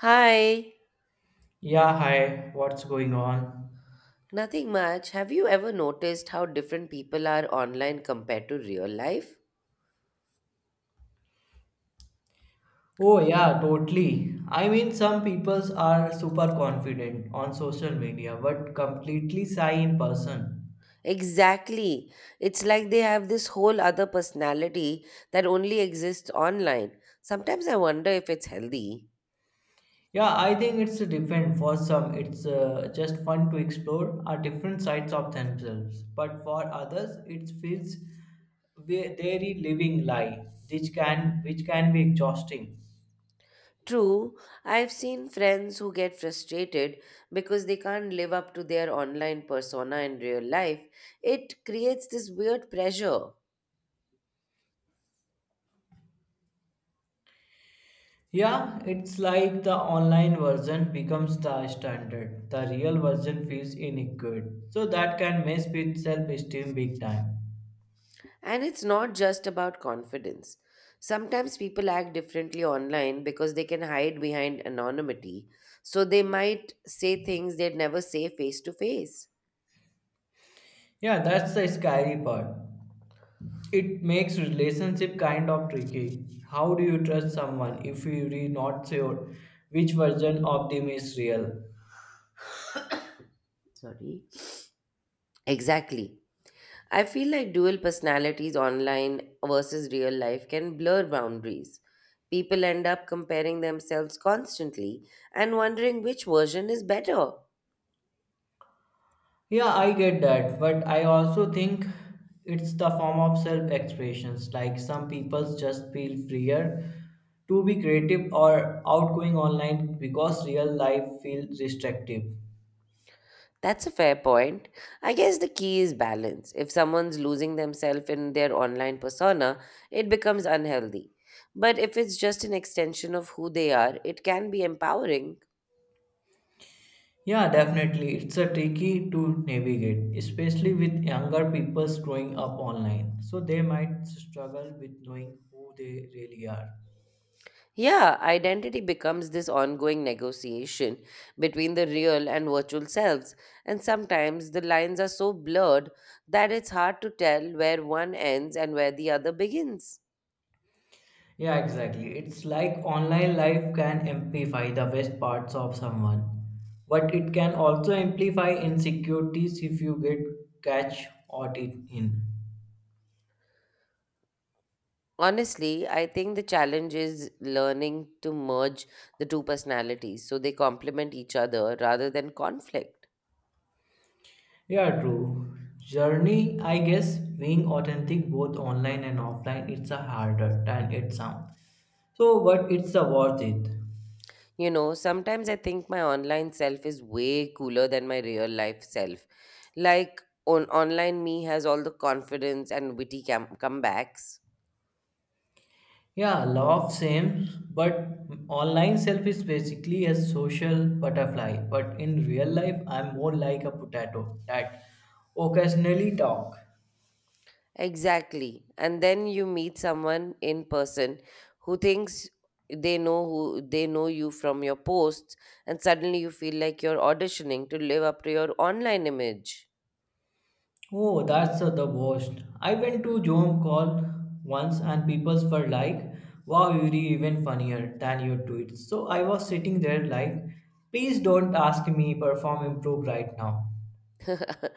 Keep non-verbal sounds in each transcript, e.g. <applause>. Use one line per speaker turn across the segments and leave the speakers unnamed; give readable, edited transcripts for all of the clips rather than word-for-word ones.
Hi,
Yeah, hi, what's going on?
nothing much. Have you ever noticed how different people are online compared to real life?
Oh, yeah, totally. I mean, some peoples are super confident on social media but completely shy in person.
Exactly. It's like they have this whole other personality that only exists online. Sometimes I wonder if it's healthy.
Yeah, I think it's different. For some, it's just fun to explore our different sides of themselves, but for others, it feels very living lie, which can be exhausting.
True, I've seen friends who get frustrated because they can't live up to their online persona in real life. It creates this weird pressure.
Yeah, it's like the online version becomes the standard. The real version feels inadequate. So that can mess with self-esteem big time.
And it's not just about confidence. Sometimes people act differently online because they can hide behind anonymity, so they might say things they'd never say face to face.
Yeah, that's the scary part. It makes relationship kind of tricky. How do you trust someone if you're not sure which version of them is real?
Sorry. Exactly. I feel like dual personalities online versus real life can blur boundaries. People end up comparing themselves constantly and wondering which version is better.
Yeah, I get that, but I also think it's the form of self expressions. Like some people just feel freer to be creative or outgoing online because real life feels restrictive.
That's a fair point. I guess the key is balance. If someone's losing themselves in their online persona, it becomes unhealthy. But if it's just an extension of who they are, it can be empowering.
Yeah, definitely, it's a tricky to navigate, especially with younger people growing up online. So they might struggle with knowing who they really are.
Yeah, identity becomes this ongoing negotiation between the real and virtual selves, and sometimes the lines are so blurred that it's hard to tell where one ends and where the other begins.
Yeah, exactly. It's like online life can amplify the best parts of someone, but it can also amplify insecurities if you get catch caught it in.
Honestly, I think the challenge is learning to merge the two personalities so they complement each other rather than conflict.
Yeah, true. Journey, I guess, being authentic both online and offline, it's a harder than it sounds. So, but it's a worth it.
You know, sometimes I think my online self is way cooler than my real life self. Like, online me has all the confidence and witty comebacks,
Yeah, law of same, but online self is basically a social butterfly, but in real life, I'm more like a potato that occasionally talk.
exactly. And then you meet someone in person who thinks they know you from your posts and suddenly you feel like you're auditioning to live up to your online image.
Oh, that's the worst. I went to Zoom call once and people were like, wow, you're even funnier than your tweets. So I was sitting there like, please don't ask me perform improve right now.
<laughs>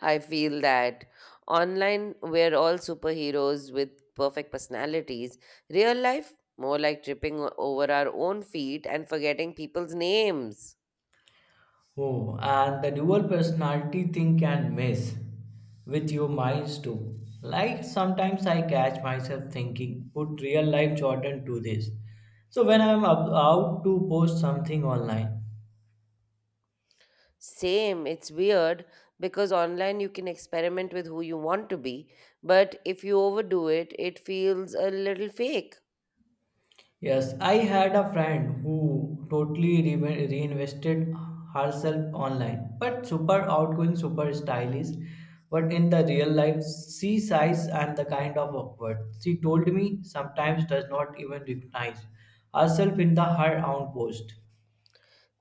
I feel that online we're all superheroes with perfect personalities. Real life more like tripping over our own feet and forgetting people's names.
Oh, and the dual personality thing can mess with your minds too. Like sometimes I catch myself thinking, put real life Jordan to this. So when I'm up, out to post something online,
Same, it's weird because online you can experiment with who you want to be, but if you overdo it, it feels a little fake.
yes, I had a friend who totally reinvested herself online, but super outgoing, super stylish. But in the real life, she size and the kind of awkward. She told me sometimes does not even recognize herself in the her own post.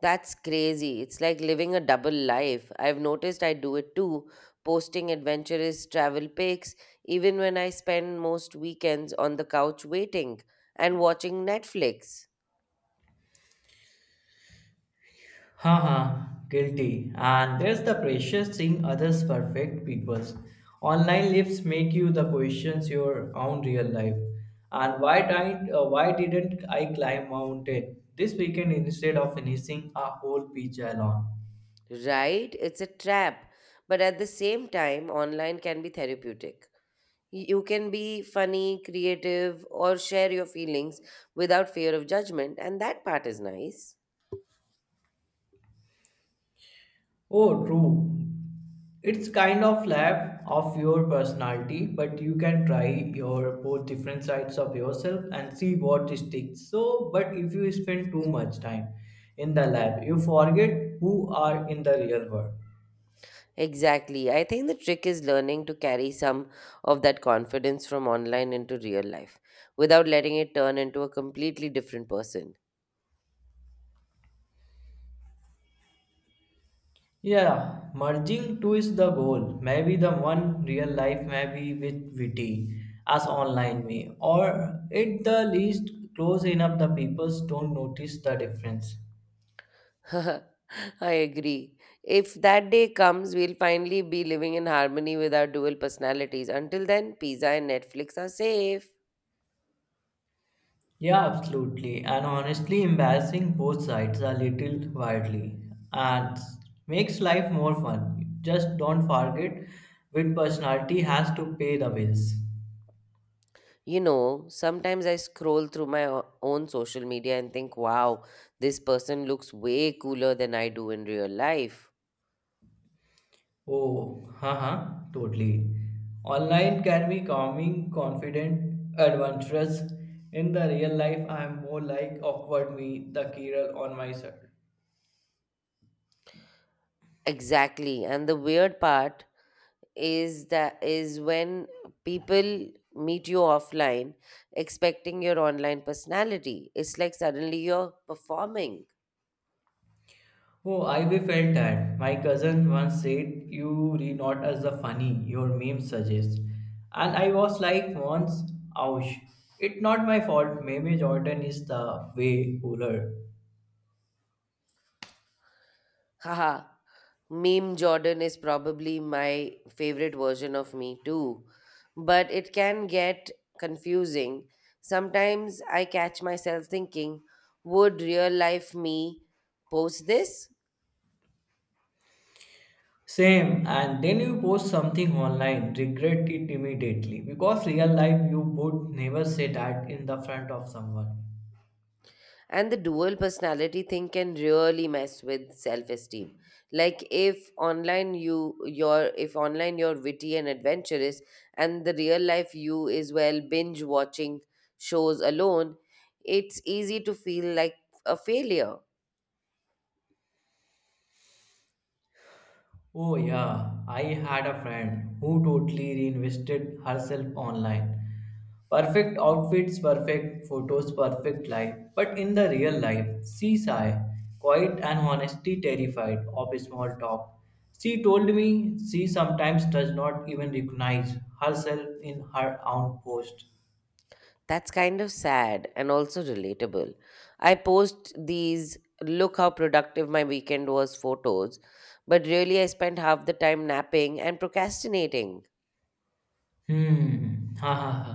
That's crazy. It's like living a double life. I've noticed I do it too, posting adventurous travel pics, even when I spend most weekends on the couch waiting and watching Netflix.
Haha, guilty. And there's the pressure seeing others perfect people's. Online lives make you the questions your own real life. And why didn't I climb mountain this weekend instead of finishing a whole pizza alone?
Right? It's a trap. But at the same time, online can be therapeutic. You can be funny, creative, or share your feelings without fear of judgment, and that part is nice.
Oh, true. It's kind of lab of your personality, but you can try your both different sides of yourself and see what sticks. So, but if you spend too much time in the lab, you forget who are in the real world.
Exactly. I think the trick is learning to carry some of that confidence from online into real life without letting it turn into a completely different person.
Yeah, merging two is the goal. Maybe the one real life, maybe with witty as online me, or at the least close enough the people don't notice the difference.
<laughs> I agree. If that day comes, we'll finally be living in harmony with our dual personalities. Until then, pizza and Netflix are safe.
Yeah, absolutely. And honestly, embarrassing both sides a little wildly and makes life more fun. Just don't forget which personality has to pay the bills.
You know, sometimes I scroll through my own social media and think, wow, this person looks way cooler than I do in real life.
Oh, haha, totally. Online can be calming, confident, adventurous. In the real life, I am more like awkward me, the Kiral on my side.
Exactly. And the weird part is when people meet you offline expecting your online personality. It's like suddenly you're performing.
Oh, I we felt that. My cousin once said, "You re not as the funny your meme suggests," and I was like, "Once, ouch! It's not my fault. Meme Jordan is the way cooler."
Haha, meme Jordan is probably my favorite version of me too, but it can get confusing. Sometimes I catch myself thinking, would real life me post this?
Same, and then you post something online, regret it immediately because real life you would never say that in the front of someone.
And the dual personality thing can really mess with self-esteem. Like if online you're witty and adventurous and the real life you is, well, binge watching shows alone, it's easy to feel like a failure.
Oh, yeah, I had a friend who totally reinvested herself online. Perfect outfits, perfect photos, perfect life. But in the real life, she shy, quiet, and honestly terrified of small talk. She told me she sometimes does not even recognize herself in her own post.
That's kind of sad and also relatable. I post these "look how productive my weekend was" photos, but really I spent half the time napping and procrastinating.
Hmm. <laughs> Ha ha ha.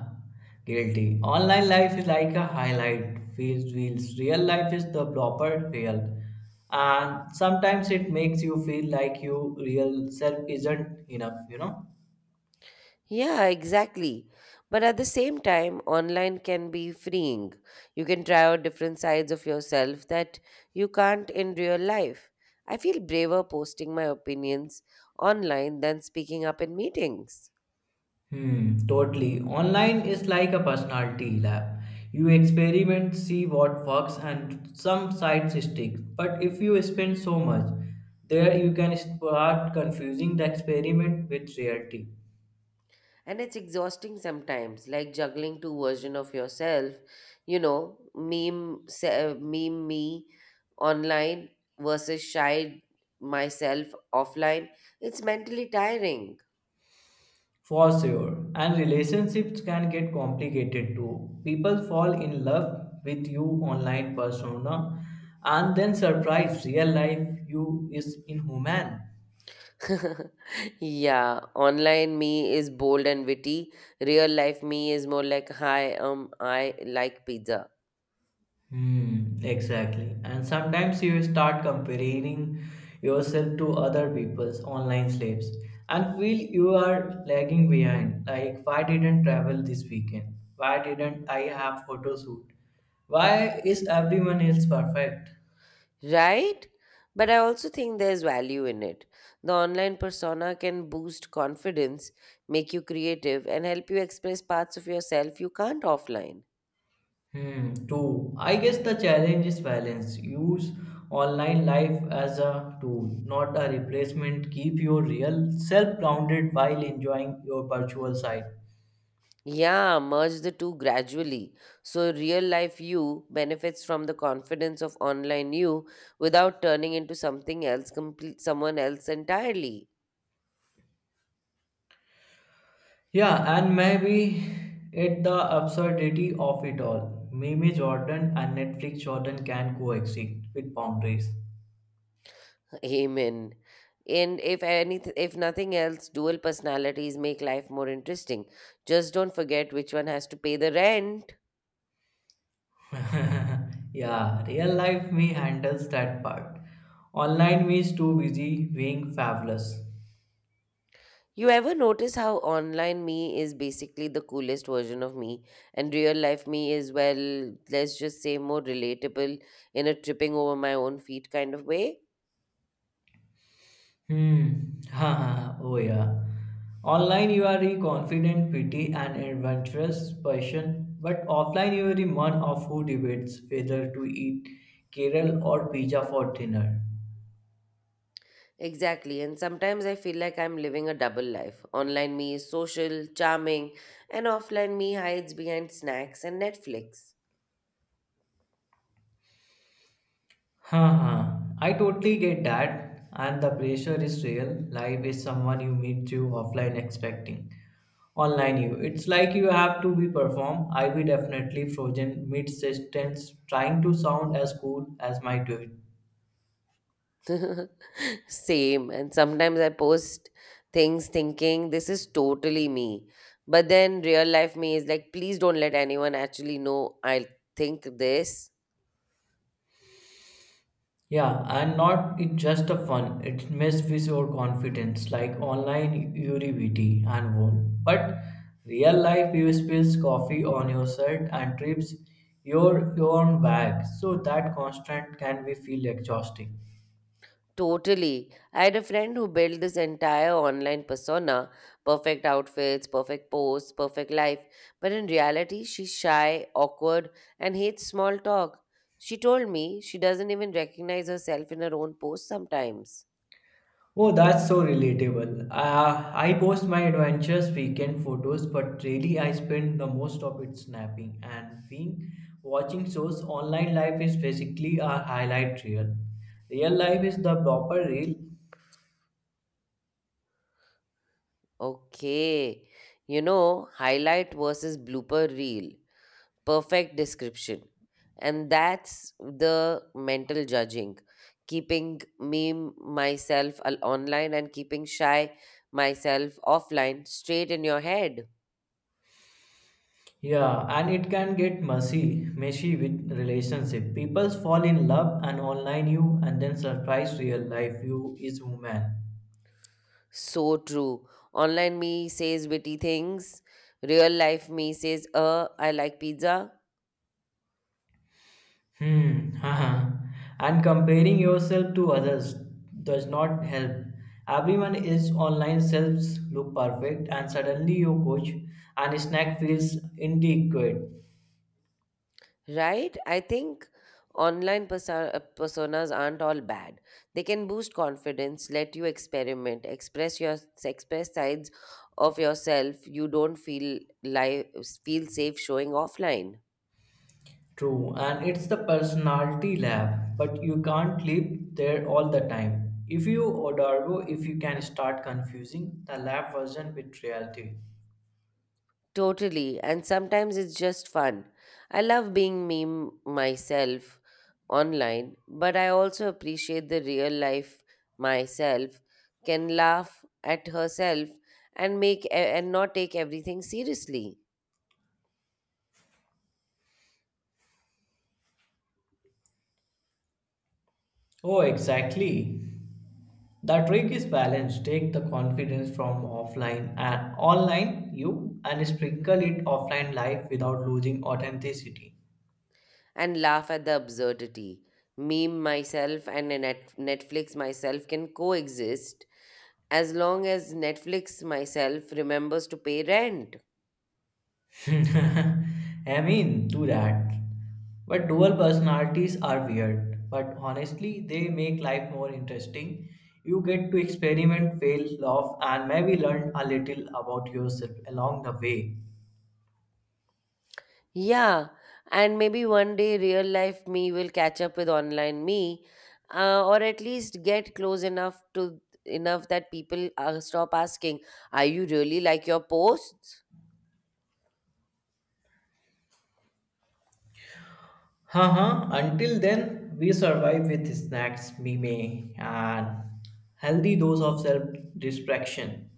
Guilty. Online life is like a highlight feels reels. Real life is the proper real. And sometimes it makes you feel like your real self isn't enough, you know?
Yeah, exactly. But at the same time, online can be freeing. You can try out different sides of yourself that you can't in real life. I feel braver posting my opinions online than speaking up in meetings.
Hmm, totally. Online is like a personality lab. You experiment, see what works, and some sides stick. But if you spend so much, there you can start confusing the experiment with reality.
And it's exhausting sometimes, like juggling two versions of yourself, you know, meme me online versus shy myself offline. It's mentally tiring.
For sure. And relationships can get complicated too. People fall in love with you online persona and then surprise real life you is inhuman.
<laughs> Yeah, online me is bold and witty. Real life me is more like, hi, I like pizza.
Hmm, exactly. And sometimes you start comparing yourself to other people's online slaves and feel you are lagging behind. Like, why didn't travel this weekend? Why didn't I have photo shoot? Why is everyone else perfect?
Right? But I also think there's value in it. The online persona can boost confidence, make you creative, and help you express parts of yourself you can't offline.
Hmm, true. I guess the challenge is balance. Use online life as a tool, not a replacement. Keep your real self grounded while enjoying your virtual side.
Yeah, merge the two gradually. So, real life you benefits from the confidence of online you without turning into complete someone else entirely.
Yeah, and maybe it's the absurdity of it all. Meme Jordan and Netflix Jordan can coexist with boundaries.
Amen. And if anything, if nothing else, dual personalities make life more interesting. Just don't forget which one has to pay the rent.
<laughs> Yeah, real life me handles that part. Online me is too busy being fabulous.
You ever notice how online me is basically the coolest version of me, and real life me is, well, let's just say more relatable in a tripping over my own feet kind of way?
Hmm. Ha ha ha. Oh yeah. Online you are a confident, pretty, and adventurous person, but offline you are the one of who debates whether to eat Kerala or pizza for dinner.
Exactly, and sometimes I feel like I'm living a double life. Online me is social, charming, and offline me hides behind snacks and Netflix.
Ha ha. I totally get that, and the pressure is real. Life is someone you meet through offline expecting. Online you. It's like you have to be perform. I be definitely frozen mid sentence, trying to sound as cool as my tweet.
<laughs> Same. And sometimes I post things thinking this is totally me. But then real life me is like, please don't let anyone actually know I think this.
Yeah, and not it's just a fun. It mess with your confidence, like online Uribity and wall. But real life, you spills coffee on your shirt and trips your own bag. So that constant can be feel exhausting.
Totally. I had a friend who built this entire online persona: perfect outfits, perfect posts, perfect life. But in reality, she's shy, awkward, and hates small talk. She told me she doesn't even recognize herself in her own posts sometimes.
Oh, that's so relatable. I post my adventures weekend photos, but really I spend the most of it snapping and being watching shows. Online life is basically a highlight reel. Real life is the proper reel.
Okay. You know, highlight versus blooper reel. Perfect description. And that's the mental judging. Keeping meme myself online and keeping shy myself offline straight in your head.
Yeah, and it can get messy with relationship. People fall in love and online you, and then surprise real life you is woman.
So true. Online me says witty things. Real life me says, I like pizza.
Hmm. Haha. And comparing yourself to others does not help. Everyone is online selves look perfect, and suddenly your coach and snack feels inadequate.
Right? I think online personas aren't all bad. They can boost confidence, let you experiment, express your express sides of yourself you don't feel safe showing offline.
True, and it's the personality lab, but you can't live there all the time. If you Odarbo, if you can start confusing the lab version with reality.
Totally, and sometimes it's just fun. I love being meme myself online, but I also appreciate the real life myself can laugh at herself and not take everything seriously.
Oh, exactly. The trick is balance. Take the confidence from offline and online you and sprinkle it offline life without losing authenticity.
And laugh at the absurdity. Meme myself and a Netflix myself can coexist as long as Netflix myself remembers to pay rent.
<laughs> I mean, do that. But dual personalities are weird, but honestly, they make life more interesting. You get to experiment, fail, laugh, and maybe learn a little about yourself along the way.
Yeah, and maybe one day real life me will catch up with online me, or at least get close enough that people stop asking, "Are you really like your posts?"
Haha, until then, we survive with snacks, meme, and healthy dose of self distraction.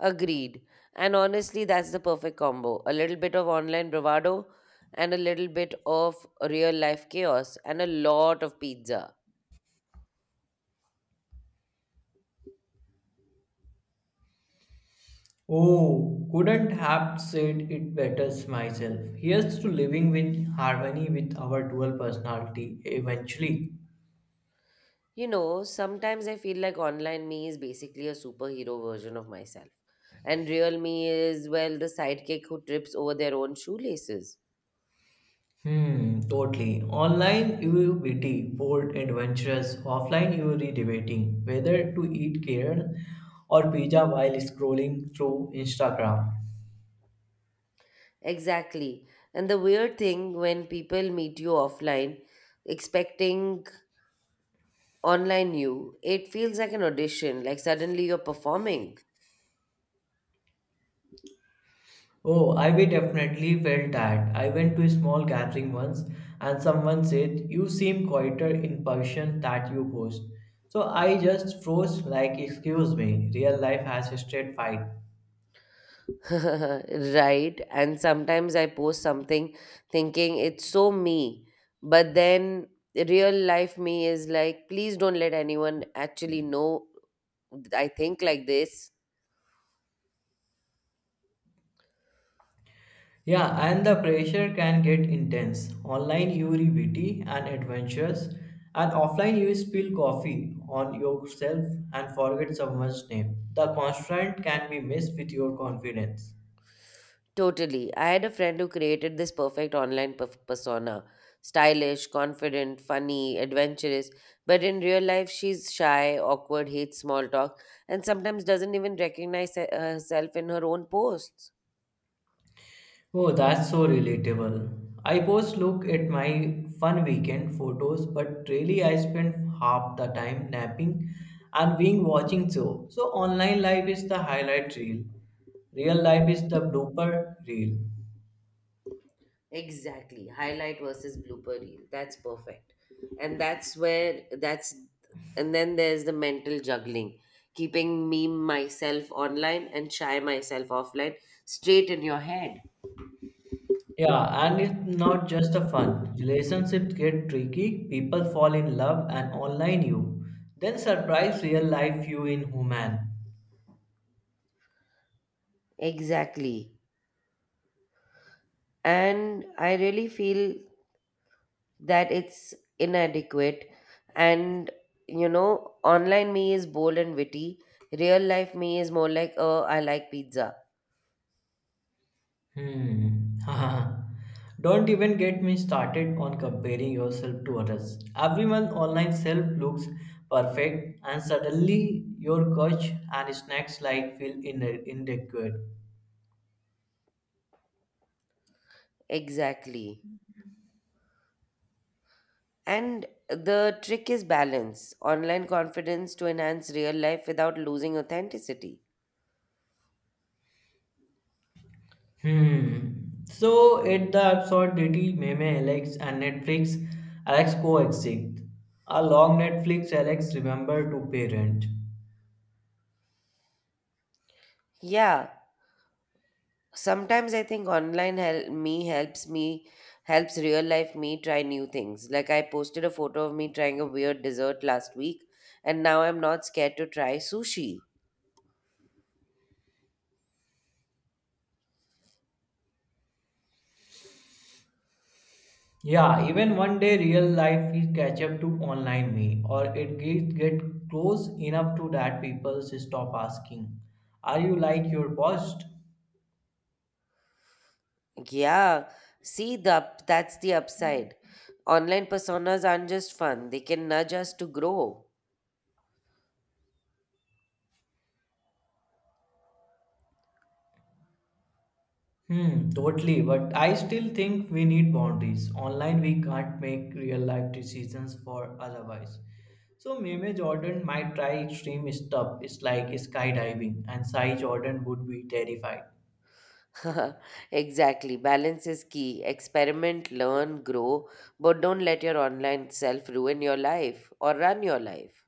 Agreed. And honestly, that's the perfect combo. A little bit of online bravado and a little bit of real life chaos and a lot of pizza.
Oh, couldn't have said it better myself. Here's to living with harmony with our dual personality eventually.
You know, sometimes I feel like online me is basically a superhero version of myself. And real me is, well, the sidekick who trips over their own shoelaces.
Hmm, totally. Online you will witty, bold, adventurous. Offline you will be debating whether to eat kale or pizza while scrolling through Instagram.
Exactly. And the weird thing when people meet you offline, expecting online you, it feels like an audition, like suddenly you're performing.
Oh, I we definitely felt that. I went to a small gathering once and someone said, "You seem quieter in person that you post." So I just froze like, "Excuse me, real life has a straight fight."
<laughs> Right, and sometimes I post something thinking it's so me, but then real life me is like, please don't let anyone actually know I think like this.
Yeah, and the pressure can get intense. Online you read witty and adventures, and offline you spill coffee on yourself and forget someone's name. The constant can be messed with your confidence.
Totally. I had a friend who created this perfect online persona. Stylish, confident, funny, adventurous. But in real life, she's shy, awkward, hates small talk, and sometimes doesn't even recognize herself in her own posts.
Oh, that's so relatable. I post look at my fun weekend photos, but really I spend half the time napping and being watching show. So online life is the highlight reel. Real life is the blooper reel.
Exactly. Highlight versus blooper reel. That's perfect. And that's where that's and then there's the mental juggling. Keeping me myself online and shy myself offline straight in your head.
Yeah, and it's not just a fun. Relationships get tricky, people fall in love and online you. Then surprise real life you in human.
Exactly. And I really feel that it's inadequate. And, you know, online me is bold and witty. Real life me is more like, oh, I like pizza.
Hmm. <laughs> Don't even get me started on comparing yourself to others. Everyone online self looks perfect, and suddenly your couch and snacks like feel in inadequate.
Exactly. And the trick is balance online confidence to enhance real life without losing authenticity.
Hmm. So at the absurdity, meme Alex and Netflix Alex coexist. A long Netflix Alex remember to parent.
Yeah, sometimes I think online help me helps real life me try new things. Like I posted a photo of me trying a weird dessert last week, and now I'm not scared to try sushi.
Yeah, even one day real life will catch up to online me, or it get close enough to that people stop asking, "Are you like your boss?"
Yeah, see that's the upside. Online personas aren't just fun; they can nudge us to grow.
Hmm, totally. But I still think we need boundaries. Online, we can't make real life decisions for otherwise. So Meme Jordan might try extreme stuff. It's like skydiving, and Sai Jordan would be terrified.
<laughs> Exactly. Balance is key. Experiment, learn, grow, but don't let your online self ruin your life or run your life.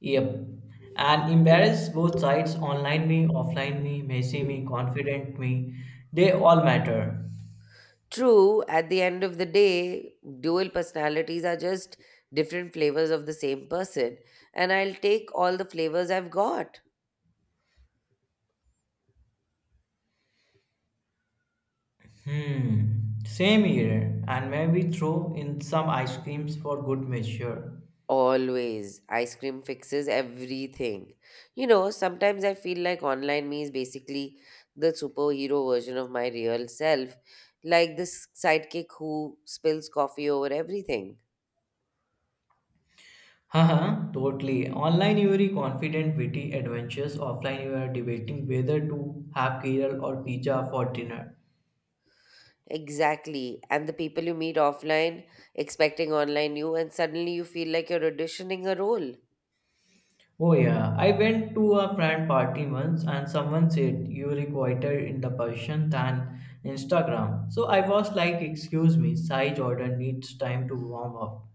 Yep. And embarrass both sides, online me, offline me, messy me, confident me. They all matter.
True, at the end of the day, dual personalities are just different flavors of the same person, and I'll take all the flavors I've got.
Hmm. Same here. And maybe throw in some ice creams for good measure.
Always. Ice cream fixes everything. You know, sometimes I feel like online me is basically the superhero version of my real self, like this sidekick who spills coffee over everything.
Haha, totally. Online you are confident, witty, adventures. Offline you are debating whether to have kale or pizza for dinner.
Exactly. And the people you meet offline expecting online you, and suddenly you feel like you're auditioning a role.
Oh yeah, I went to a friend party once and someone said you requited in the Persian than Instagram. So I was like, excuse me, Sai Jordan needs time to warm up.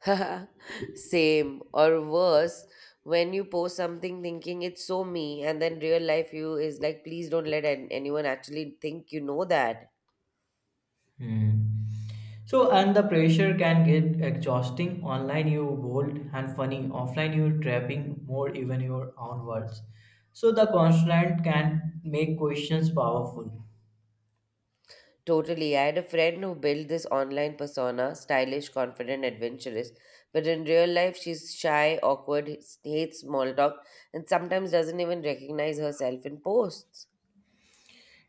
<laughs> Same, or worse, when you post something thinking it's so me, and then real life you is like, please don't let anyone actually think you know that.
Hmm. So and the pressure can get exhausting. Online you bold and funny, offline you trapping more even your own words. So the constant can make questions powerful.
Totally. I had a friend who built this online persona, stylish, confident, adventurous. But in real life, she's shy, awkward, hates small talk, and sometimes doesn't even recognize herself in posts.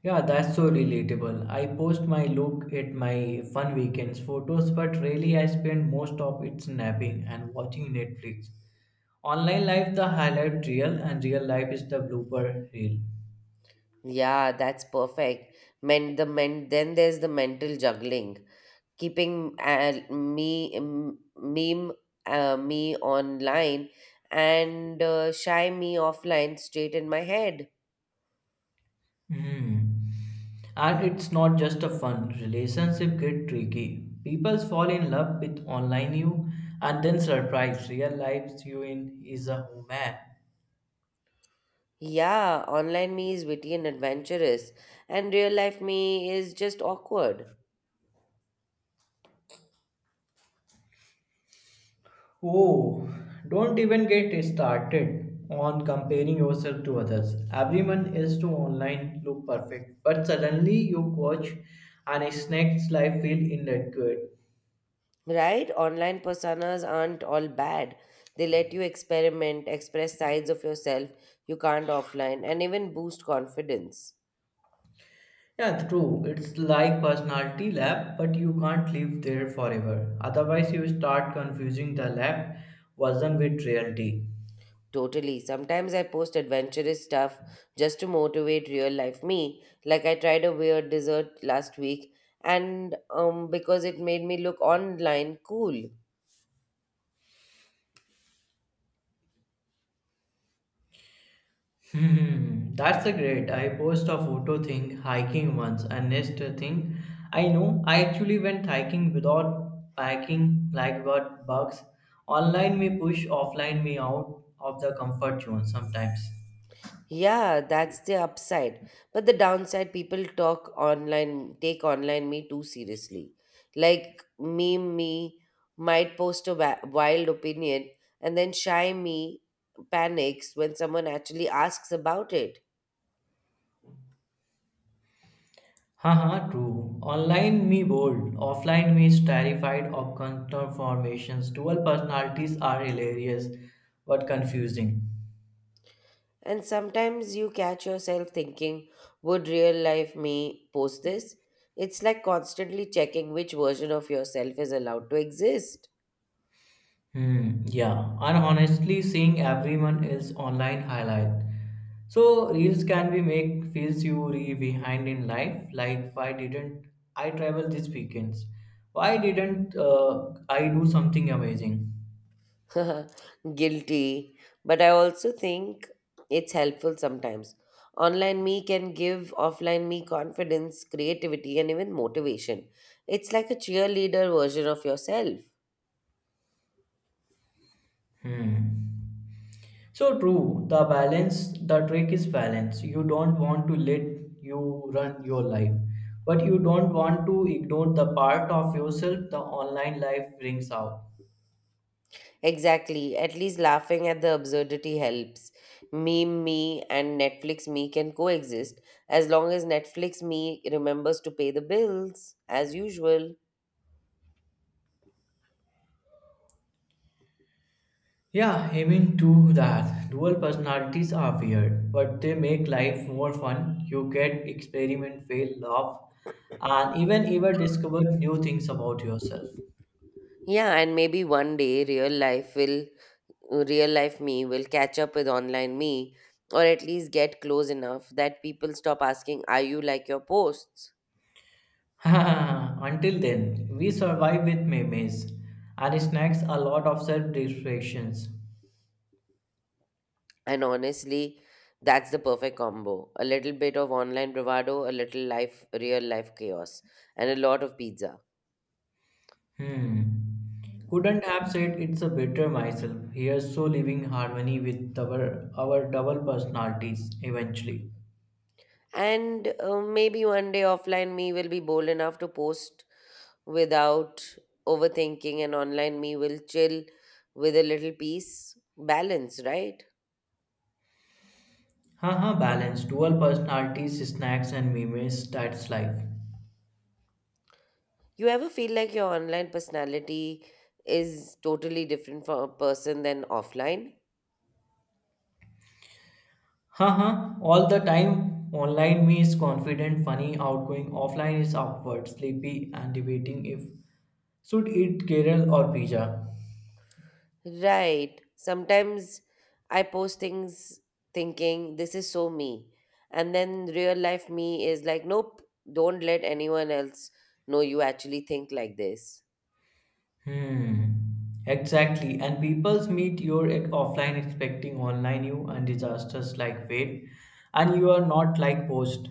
Yeah, that's so relatable. I post my look at my fun weekends photos, but really I spend most of it napping and watching Netflix. Online life the highlight reel and real life is the blooper reel.
Yeah, that's perfect. Then there's the mental juggling. Keeping me m- meme me online and shy me offline straight in my head.
Hmm. And it's not just a fun. Relationship get tricky. People fall in love with online you and then surprise real life you in is a human.
Yeah, online me is witty and adventurous and real life me is just awkward.
Oh, don't even get started on comparing yourself to others. Everyone is to online look perfect, but suddenly you watch an snake's life feel inadequate.
Right, online personas aren't all bad, they let you experiment, express sides of yourself you can't offline, and even boost confidence.
Yeah, true. It's like personality lab, but you can't live there forever. Otherwise, you start confusing the lab version with reality.
Totally. Sometimes I post adventurous stuff just to motivate real life me. Like I tried a weird dessert last week and because it made me look online cool.
Hmm, that's a great. I post a photo thing hiking once, and next thing I know, I actually went hiking without packing like what bugs. Online may push, offline me out of the comfort zone sometimes.
Yeah, that's the upside. But the downside, people talk online, take online me too seriously. Like meme me might post a wild opinion and then shy me panics when someone actually asks about it.
Haha, true. Online me bold, offline me is terrified of counter formations. Dual personalities are hilarious but confusing.
And sometimes you catch yourself thinking, would real life me post this? It's like constantly checking which version of yourself is allowed to exist.
Hmm, yeah, and honestly, seeing everyone else online highlight. So reels can be make feels you re behind in life. Like why didn't I travel this weekends? Why didn't I do something amazing?
<laughs> Guilty. But I also think it's helpful sometimes. Online me can give offline me confidence, creativity, and even motivation. It's like a cheerleader version of yourself.
Hmm. So true. The trick is balance. You don't want to let you run your life, but you don't want to ignore the part of yourself the online life brings out.
Exactly. At least laughing at the absurdity helps. Meme me and Netflix me can coexist as long as Netflix me remembers to pay the bills as usual.
Yeah, I mean, too that. Dual personalities are weird, but they make life more fun. You get experiment, fail, laugh, and even discover new things about yourself.
Yeah, and maybe one day real life will real life me will catch up with online me or at least get close enough that people stop asking, are you like your posts?
<laughs> Until then, we survive with memes and snacks a lot of self distractions.
And honestly, that's the perfect combo. A little bit of online bravado, a little life real life chaos, and a lot of pizza.
Hmm. Couldn't have said it's a better myself. Here's so living harmony with our double personalities eventually.
And maybe one day offline me will be bold enough to post without overthinking, and online me will chill with a little peace. Balance, right?
Haha, balance, dual personalities, snacks, and memes, that's life.
You ever feel like your online personality is totally different from a person than offline?
Haha, all the time. Online me is confident, funny, outgoing. Offline is awkward, sleepy, and debating if should eat Kerala or pizza.
Right. Sometimes I post things thinking this is so me. And then real life me is like, nope, don't let anyone else know you actually think like this.
Hmm. Exactly. And people's meet your offline expecting online you and disasters like wait, and you are not like post.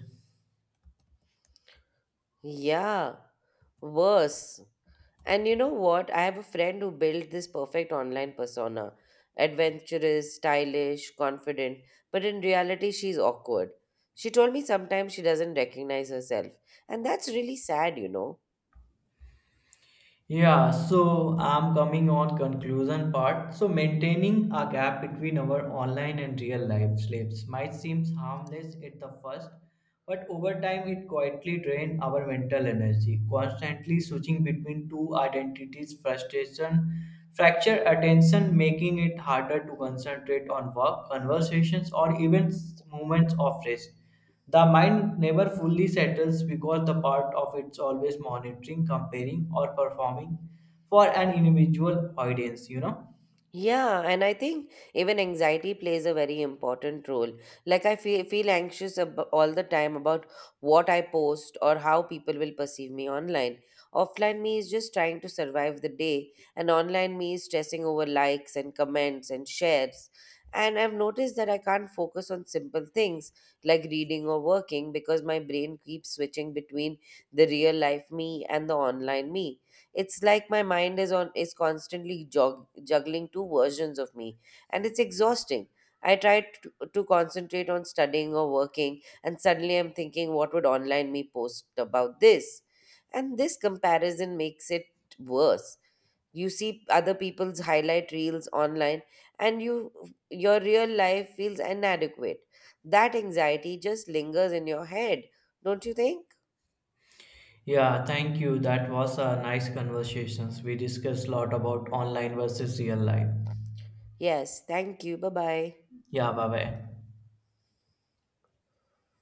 Yeah, worse. And you know what? I have a friend who built this perfect online persona, adventurous, stylish, confident, but in reality, she's awkward. She told me sometimes she doesn't recognize herself, and that's really sad, you know.
Yeah, so I'm coming on conclusion part. So maintaining a gap between our online and real life lives might seem harmless at the first, but over time, it quietly drained our mental energy, constantly switching between two identities, frustration, fractured attention, making it harder to concentrate on work, conversations, or even moments of rest. The mind never fully settles because the part of it's always monitoring, comparing, or performing for an individual audience.
Yeah, and I think even anxiety plays a very important role. Like I feel anxious all the time about what I post or how people will perceive me online. Offline me is just trying to survive the day, and online me is stressing over likes and comments and shares. And I've noticed that I can't focus on simple things like reading or working because my brain keeps switching between the real life me and the online me. It's like my mind is constantly juggling two versions of me, and it's exhausting. I try to concentrate on studying or working, and suddenly I'm thinking, what would online me post about this? And this comparison makes it worse. You see other people's highlight reels online, and your real life feels inadequate. That anxiety just lingers in your head, don't you think?
Yeah, thank you. That was a nice conversations. We discussed a lot about online versus real life.
Yes, thank you. Bye bye.
Ja, bye bye.